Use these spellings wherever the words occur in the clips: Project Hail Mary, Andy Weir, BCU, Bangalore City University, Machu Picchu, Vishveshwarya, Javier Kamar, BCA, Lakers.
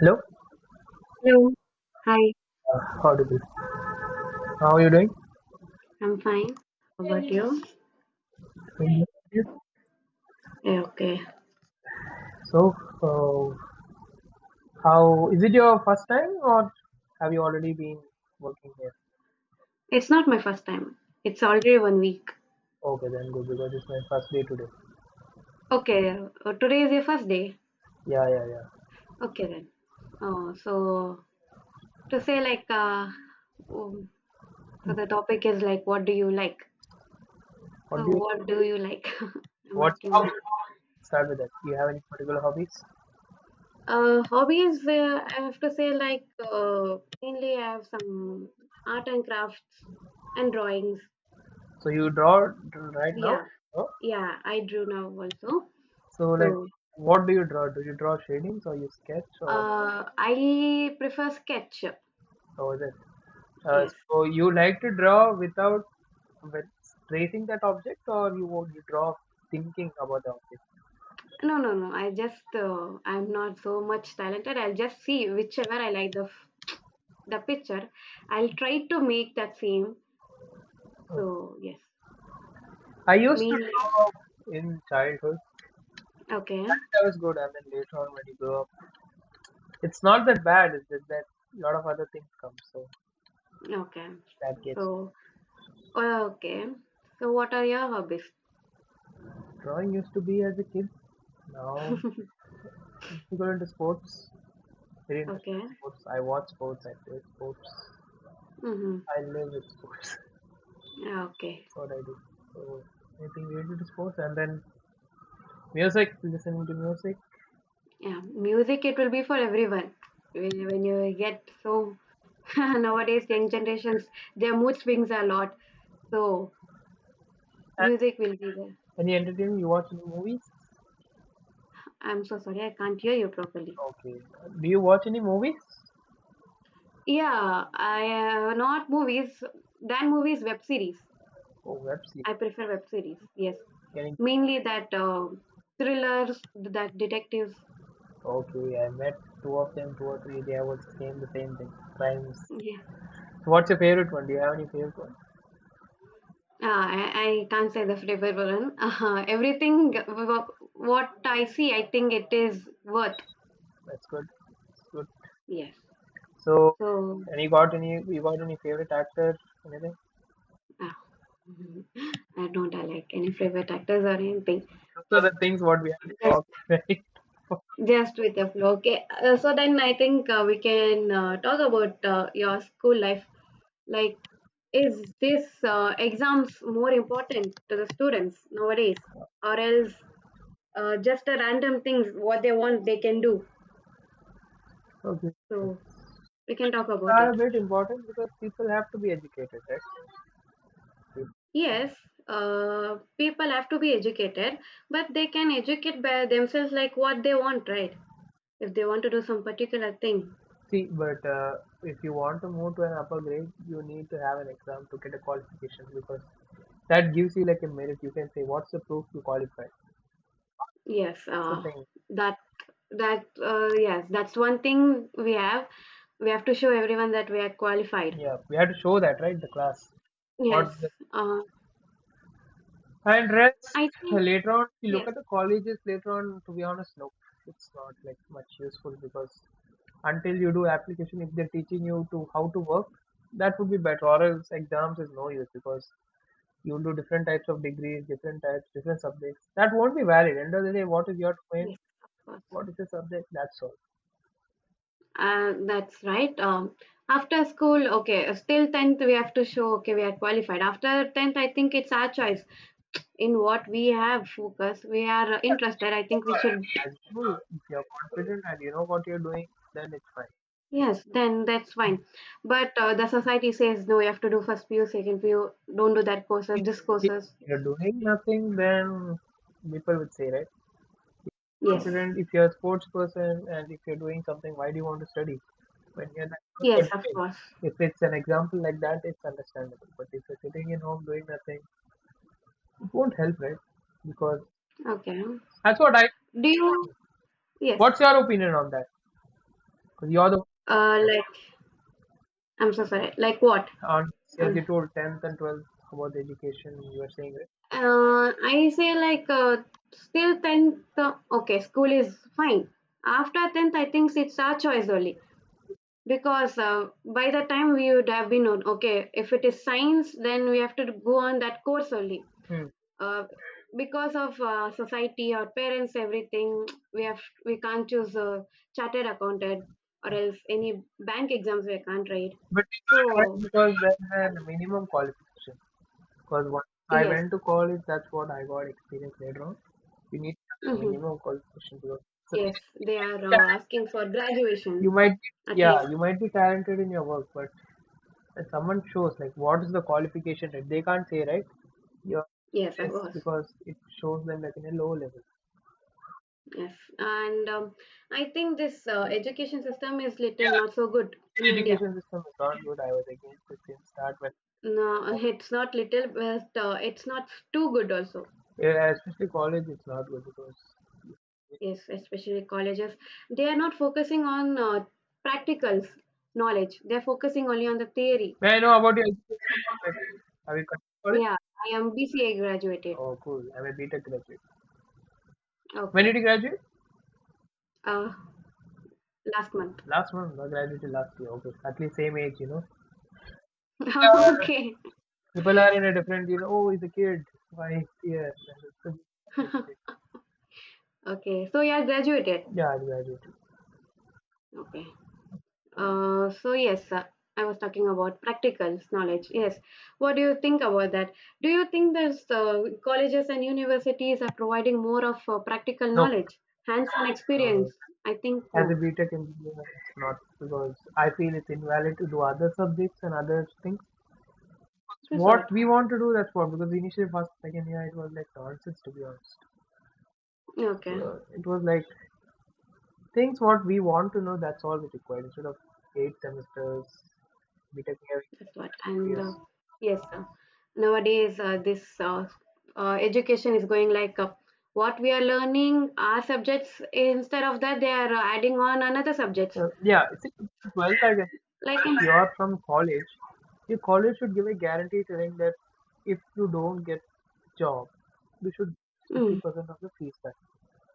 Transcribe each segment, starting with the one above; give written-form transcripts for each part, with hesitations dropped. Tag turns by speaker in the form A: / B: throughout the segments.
A: Hello,
B: Hello. Hi,
A: audible. How are you doing?
B: I'm fine. How about you?
A: Yes.
B: Yeah, okay.
A: So, uh, how is it your first time, or have you already been working here?
B: It's not my first time. It's already one week.
A: Okay, then good because it's my first day today.
B: Okay, today is your first day.
A: Yeah, yeah, yeah.
B: Okay then. Oh, so to say like oh, so the topic is like what do you like? So
A: What do you?
B: what do you like? I'm
A: What's your
B: asking you.
A: hobby? Start with that. Do you have any particular hobbies?
B: Hobbies, I have to say like mainly I have some art and crafts and drawings.
A: So you right now?
B: Yeah,
A: No?
B: yeah, I drew now also.
A: So like,
B: So.
A: what do you draw? Do you draw shadings or you sketch or
B: I prefer sketch.
A: so this, uh,
B: Yes.
A: so you like to draw without with tracing that object, or you draw thinking about the object?
B: No, no, no. I'm not so much talented. I'll just see whichever I like the the picture. I'll try to make that same.
A: Okay.
B: So yes,
A: I used to
B: me.
A: draw in childhood.
B: Okay,
A: Childhood was good, and then later on when you grow up, it's not that bad. It's just that a lot of other things come, so
B: okay.
A: that gets.
B: So, okay. So what are your hobbies?
A: Drawing used to be as a kid. Now we go into sports. Very interested
B: Okay.
A: in sports. I watch sports. I play sports.
B: Mm-hmm.
A: I live with sports.
B: Okay.
A: What I do. So I think related to sports, and then music, listening to music.
B: Yeah. Music, it will be for everyone. When you get so... nowadays, young generations, their mood swings a lot. So
A: And
B: music will be there.
A: any entertainment, you watch any movies?
B: I'm so sorry, I can't hear you properly.
A: Okay. Do you watch any movies?
B: Yeah, I not movies. Than movies, web series.
A: Oh, web series.
B: I prefer web series. Yes,
A: Can you-
B: mainly that, thrillers, that detectives.
A: okay, I met two of them, two or three. They were same the same thing. Crimes.
B: Yeah,
A: So what's your favorite one? Do you have any favorite one?
B: I can't say the flavor one. Everything what I see, I think it is worth.
A: That's good. That's good.
B: Yes.
A: So,
B: So,
A: and you got any? You got any favorite actor? Anything?
B: uh, I don't I like any favorite actors or anything.
A: Those are
B: Just
A: the things what we have
B: just
A: to talk.
B: Just with the flow. Okay. So then I think, we can, talk about, your school life. Like, is this, exams more important to the students nowadays, or else, just a random things what they want they can do?
A: Right? Okay.
B: So we can talk about
A: Are a
B: it.
A: bit important because people have to be educated, right? If-
B: Yes, people have to be educated, but they can educate by themselves like what they want, right? If they want to do some particular thing,
A: see, but if you want to move to an upper grade, you need to have an exam to get a qualification because that gives you like a merit. You can say, what's the proof you qualified?
B: yes,
A: It's the thing.
B: that That, yes, that's one thing we have. We have to show everyone that we are qualified.
A: Yeah, we have to show that, right? The class.
B: Yes,
A: What's the
B: uh,
A: and rest
B: I think,
A: later on? If you look
B: yes,
A: at the colleges later on. To be honest, no, it's not like much useful because until you do application, if they're teaching you to how to work, that would be better. Or else exams is no use because you'll do different types of degrees, different types, different subjects. That won't be valid. End of the day, what is your main,
B: yes, of course.
A: what is your subject? That's all.
B: That's right. After school, okay, still tenth, we have to show okay we are qualified. After tenth, I think it's our choice in what we have focus. We are interested. I think we should.
A: As you, if you're confident and you know what you're doing, then it's fine.
B: Yes, then that's fine. But the society says no. You have to do first PU, second PU. Don't do that courses,
A: If
B: this
A: if
B: courses.
A: you're doing nothing, then people would say, right?
B: Yes,
A: Confident. If you're a sports person and if you're doing something, why do you want to study? When you're not what
B: yes,
A: you're
B: of
A: doing.
B: course.
A: If it's an example like that, it's understandable. But if you're sitting in home doing nothing, it won't help, right? Because
B: Okay.
A: that's what I.
B: Do you? Yes.
A: What's your opinion on that? Because you're the
B: Like, I'm so sorry. Like what?
A: one, as
B: Um,
A: you told, 10th and 12th about the education you were saying, right?
B: I say like, still tenth. Okay, school is fine. After tenth, I think it's our choice only because, by the time we would have been on. Okay, if it is science, then we have to go on that course only.
A: Hmm.
B: Uh, because of, society or parents, everything we have we can't choose a chartered accountant or else any bank exams we can't write.
A: But we can't
B: So
A: ask because there's a minimum qualification. Because once I
B: yes.
A: went to college, that's what I got experience later on. You need to have a
B: Hmm.
A: minimum qualification. Because, so
B: Yes, they are,
A: yes,
B: asking for
A: you
B: graduation
A: might be,
B: at
A: yeah,
B: least.
A: you might be talented in your work, but if someone shows like what is the qualification, that they can't say, right? You're
B: Yes, of
A: this
B: course.
A: because it shows them like in a low level.
B: Yes, and, I think this, education system is
A: Yeah,
B: little not so good in
A: Indian
B: India.
A: education system is not good. I was against it since start when
B: No, it's not little, but, it's not too good also.
A: yeah, especially college, it's not good because.
B: Yes, especially colleges, they are not focusing on, practicals knowledge. They're focusing only on the theory.
A: May I know about your education? Like, have you come to college?
B: Yeah, I am BCA graduated.
A: Oh, cool. I'm a BTech graduate. When
B: Okay,
A: did you graduate?
B: uh, last month.
A: Last month. I graduated last year. Okay, at least same age, you know. People are,
B: Okay.
A: people are in a different, you know. Oh, he's a kid. Why he's here?
B: Okay. So you are graduated.
A: Yeah, I graduated.
B: Okay. So yes, I was talking about practical knowledge. Yes, what do you think about that? Do you think that, colleges and universities are providing more of, practical
A: Nope.
B: knowledge, hands-on
A: No,
B: experience?
A: no.
B: I think
A: As a
B: no.
A: BTech engineer, it's not because I feel it's invalid to do other subjects and other things.
B: That's
A: What
B: what.
A: we want to do that's what because initially first second year it was like nonsense to be honest,
B: Okay,
A: so it was like things what we want to know that's all we required instead of eight semesters we take here
B: that's what.
A: four
B: And,
A: years
B: yes, nowadays, this, education is going like, what we are learning our subjects instead of that they are, adding on another
A: So
B: subjects
A: yeah it's well, I guess
B: like
A: if
B: in,
A: you are from college, your college should give a guarantee telling that if you don't get job you should
B: mm,
A: 50% of the fees back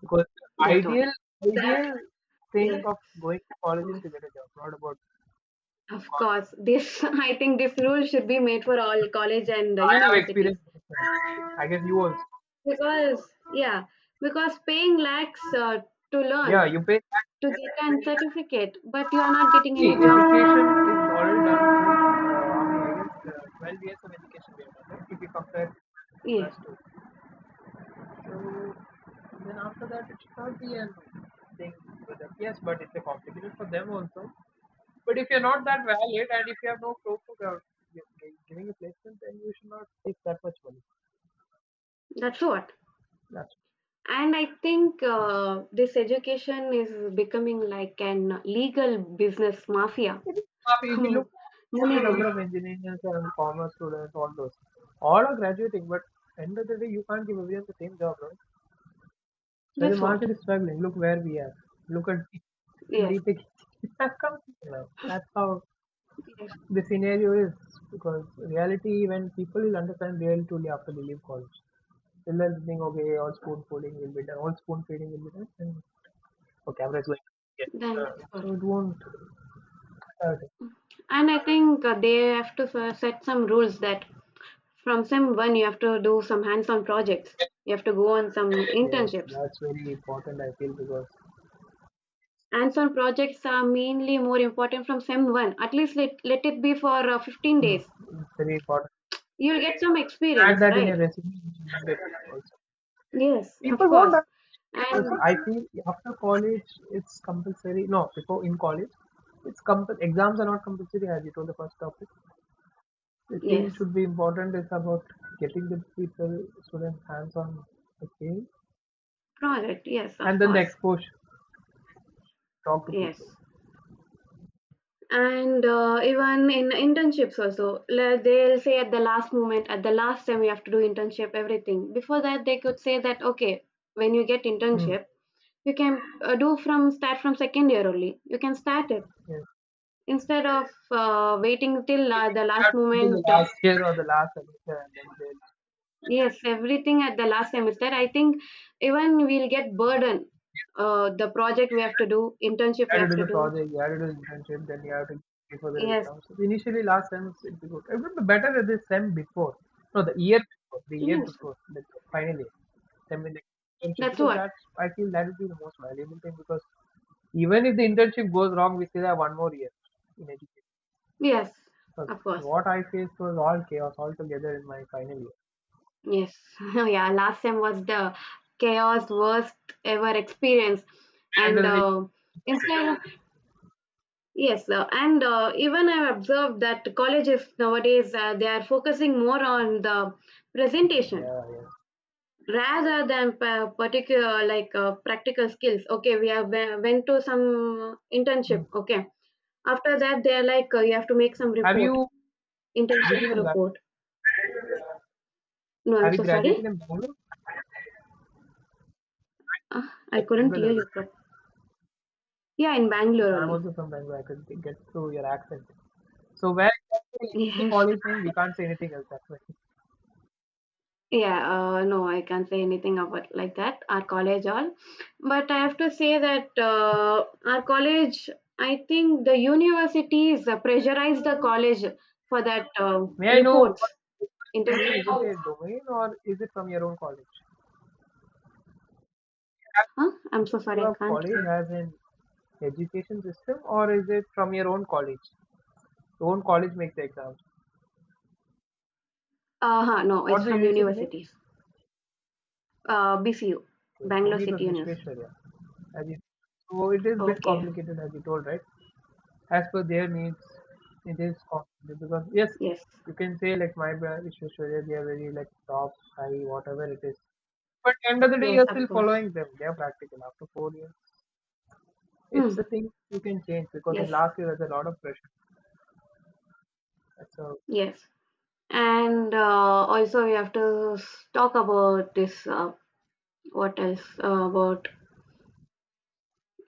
A: because
B: that's what
A: ideal
B: that,
A: ideal thing
B: yes.
A: of going to college is to get a job, not about.
B: Of course, this, I think this rule should be made for all college and,
A: I have
B: universities
A: experience with that. I guess you also.
B: because, yeah, because paying lakhs, to
A: Yeah,
B: learn
A: you pay.
B: to get an certificate, but you are not getting
A: Actually,
B: any
A: education is
B: job.
A: all done through, how many, I guess, 12 years of education we have done, right? If you compare
B: Yeah,
A: plus two. So, then after that, it should not be a thing for them. Yes, but it's a complicated for them also. But if you're not that valid and if you have no proof of giving a placement, then you should not take that much money.
B: that's what. And I think, this education is becoming like an legal business mafia.
A: If you
B: Money
A: look at the
B: mafia.
A: number of engineers and commerce students, all those, all are graduating, but end of the day, you can't give everyone the same job, right? When the
B: That's what.
A: market is struggling, look where we are. Look at the
B: Yes,
A: BTech has come here now. That's how
B: yes,
A: the scenario is because reality, when people will understand really truly after they leave college, they'll then think, okay, all spoon feeding will be done, all spoon feeding will be done, and oh, camera is going. Yeah.
B: that's
A: Uh,
B: what.
A: so it won't hurt.
B: And I think, they have to set some rules that from sem one, you have to do some hands-on projects. You have to go on some
A: Yes,
B: internships.
A: that's very important, I feel, because
B: Hands-on projects are mainly more important from sem one. At least let it be for, 15
A: hmm,
B: days.
A: it's very important.
B: You'll get some
A: Add
B: experience,
A: that in your
B: right?
A: resume and you will get also.
B: Yes, of
A: People won't
B: course.
A: ask
B: And
A: because I feel after college it's compulsory. No, before in college, it's compul exams are not compulsory as you told the first topic. The thing
B: yes,
A: should be important is about getting the people, students hands on the game
B: project. Yes,
A: and
B: of
A: then the
B: course.
A: exposure, talk to people.
B: Yes. And, even in internships also, they'll say at the last moment, at the last time you have to do internship, everything. Before that, they could say that, okay, when you get
A: Hmm.
B: internship, you can, do from start from second year only you can start it,
A: Yes.
B: instead of, waiting till,
A: So we
B: the
A: had
B: last
A: people the
B: moment.
A: last year or the last semester and then they'll
B: Yes, everything at the last semester, I think. Even we'll get burden, the project we have to do, internship
A: you had
B: we
A: to do
B: have
A: the
B: to do.
A: project, you had to do the internship, then you have to pay for the
B: Yes,
A: exam. So initially, last sem it'd be good. It would be better at the sem before, no, the year
B: yes,
A: before, like finally, sem in the internship
B: that's
A: because
B: what.
A: that's I feel that would be the most valuable thing because even if the internship goes wrong, we still have one more year in education.
B: Yes,
A: Because
B: of course.
A: what I faced was all chaos altogether in my final year.
B: Yes. Yeah, last sem was the chaos, worst ever experience.
A: And
B: And,
A: under the day, nothing.
B: instead. Yes, and even I've observed that colleges nowadays, they are focusing more on the presentation
A: Yeah, yeah.
B: rather than particular, like, practical skills. Okay, went to some
A: Hmm.
B: internship. Okay, after that they are like, you have to make some
A: Have
B: report,
A: you
B: internship
A: graduated in Bangalore?
B: report. No,
A: Have
B: I'm
A: you
B: so sorry.
A: graduated in Bangalore?
B: I
A: Yes,
B: couldn't hear
A: Bangalore.
B: you Yeah, in Bangalore
A: So I'm
B: only.
A: also from Bangalore. I could get through your accent. So where exactly is the
B: Yes.
A: college name? We can't say anything else. That's why.
B: Yeah, no, I can't say anything about like that, our college all. But I have to say that, our college, I think the universities, pressurized the college for that,
A: May I know
B: reports,
A: what is the name?
B: internship
A: Is it a
B: reports.
A: domain or is it from your own college? Has
B: Huh? I'm so sorry, I
A: your
B: can't
A: college
B: hear.
A: has an education system or is it from your own college? Your own college makes the exams.
B: Uh-huh, no, it's
A: What's the
B: from
A: university name?
B: universities. BCU,
A: Okay. For
B: Bangalore
A: me, it was
B: City University.
A: Vishveshwarya. As you, so it is a bit
B: Okay,
A: complicated, as you told, right? As per their needs, it is costly because yes,
B: yes,
A: you can say like my brand is Australia, they are very like top, high, whatever it is. But end of the day,
B: yes,
A: you're
B: of
A: still
B: course.
A: following them. They are practical after 4 years.
B: Hmm.
A: It's a thing you can change because in
B: Yes,
A: last year there's a lot of pressure. So
B: yes. And, also, we have to talk about this. What else, about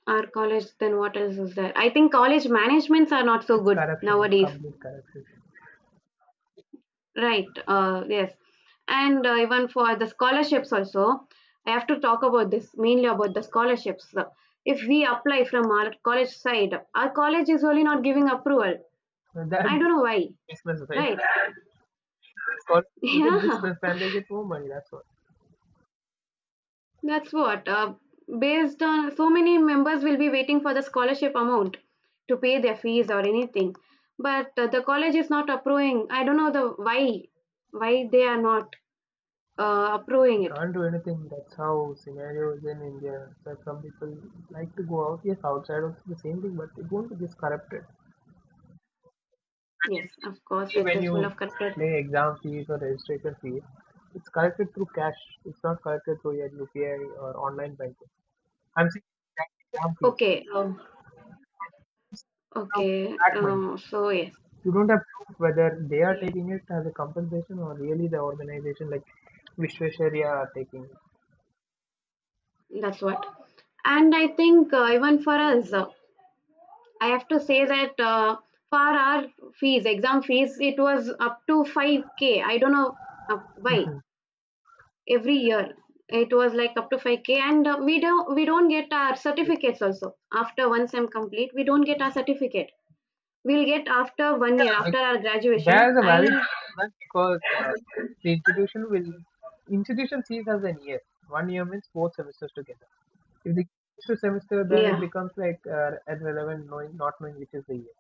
B: our college? Then what else is there? I think college managements are not so
A: it's
B: good
A: corruption. It's
B: nowadays.
A: complete corruption.
B: Right. Yes. And, even for the scholarships also, I have to talk about this, mainly about the scholarships. If we apply from our college side, our college is only not giving approval.
A: So that's
B: I don't know why.
A: business, right?
B: Right.
A: It's called you get
B: Yeah.
A: business and they get more money. That's all.
B: That's what. Based on, so many members will be waiting for the scholarship amount to pay their fees or anything, but, the college is not approving. I don't know the why they are not, approving
A: We
B: it.
A: can't do anything. That's how scenario is in India. So some people like to go out, yes, outside also the same thing, but it won't be just corrupted. And
B: Yes, of course,
A: usually
B: it
A: when
B: is full
A: you
B: of corrupted.
A: pay exam fees or registration fees, it's collected through cash. It's not collected through your UPI or online banking. I'm saying that exam fees.
B: Okay,
A: Now,
B: okay.
A: that money.
B: So yes,
A: You don't have proof whether they are
B: yes,
A: taking it as a compensation or really the organization like Vishwasharya are taking it.
B: that's what. And I think, even for us, I have to say that, for our fees, exam fees, it was up to 5K. I don't know, why every year. It was like up to 5K, and, we don't get our certificates also. After one sem complete, we don't get our certificate. We'll get after one year
A: Yeah,
B: after our graduation.
A: there's a
B: I
A: valid argument because the institution sees as an year. One year means four semesters together. If the to semester, then it
B: Yeah.
A: becomes like irrelevant, knowing not knowing which is the year.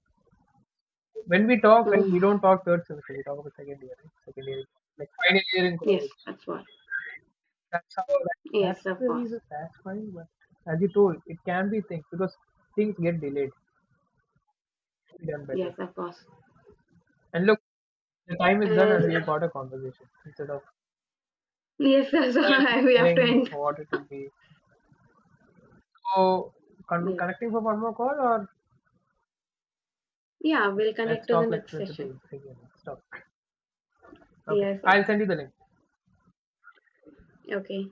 A: When we talk, right, we
B: Mm,
A: don't talk third semester. We talk about second year, right? Second year, like final year in
B: yes,
A: college.
B: that's what.
A: That's how. That's
B: Yes, of
A: the reason.
B: course.
A: That's fine. But as you told, it can be things because things get delayed. It can be done better.
B: Yes, of course.
A: And look, the time is done,
B: And
A: and we have got a conversation instead of.
B: yes.
A: And
B: So we have
A: telling
B: to end.
A: what it will be. So,
B: Yes.
A: connecting for one more call, or
B: Yeah, we'll connect
A: let's
B: to the
A: talk like
B: next session.
A: principles. Again. Let's talk. Okay,
B: Yes.
A: I'll
B: Okay.
A: send you the link.
B: Okay.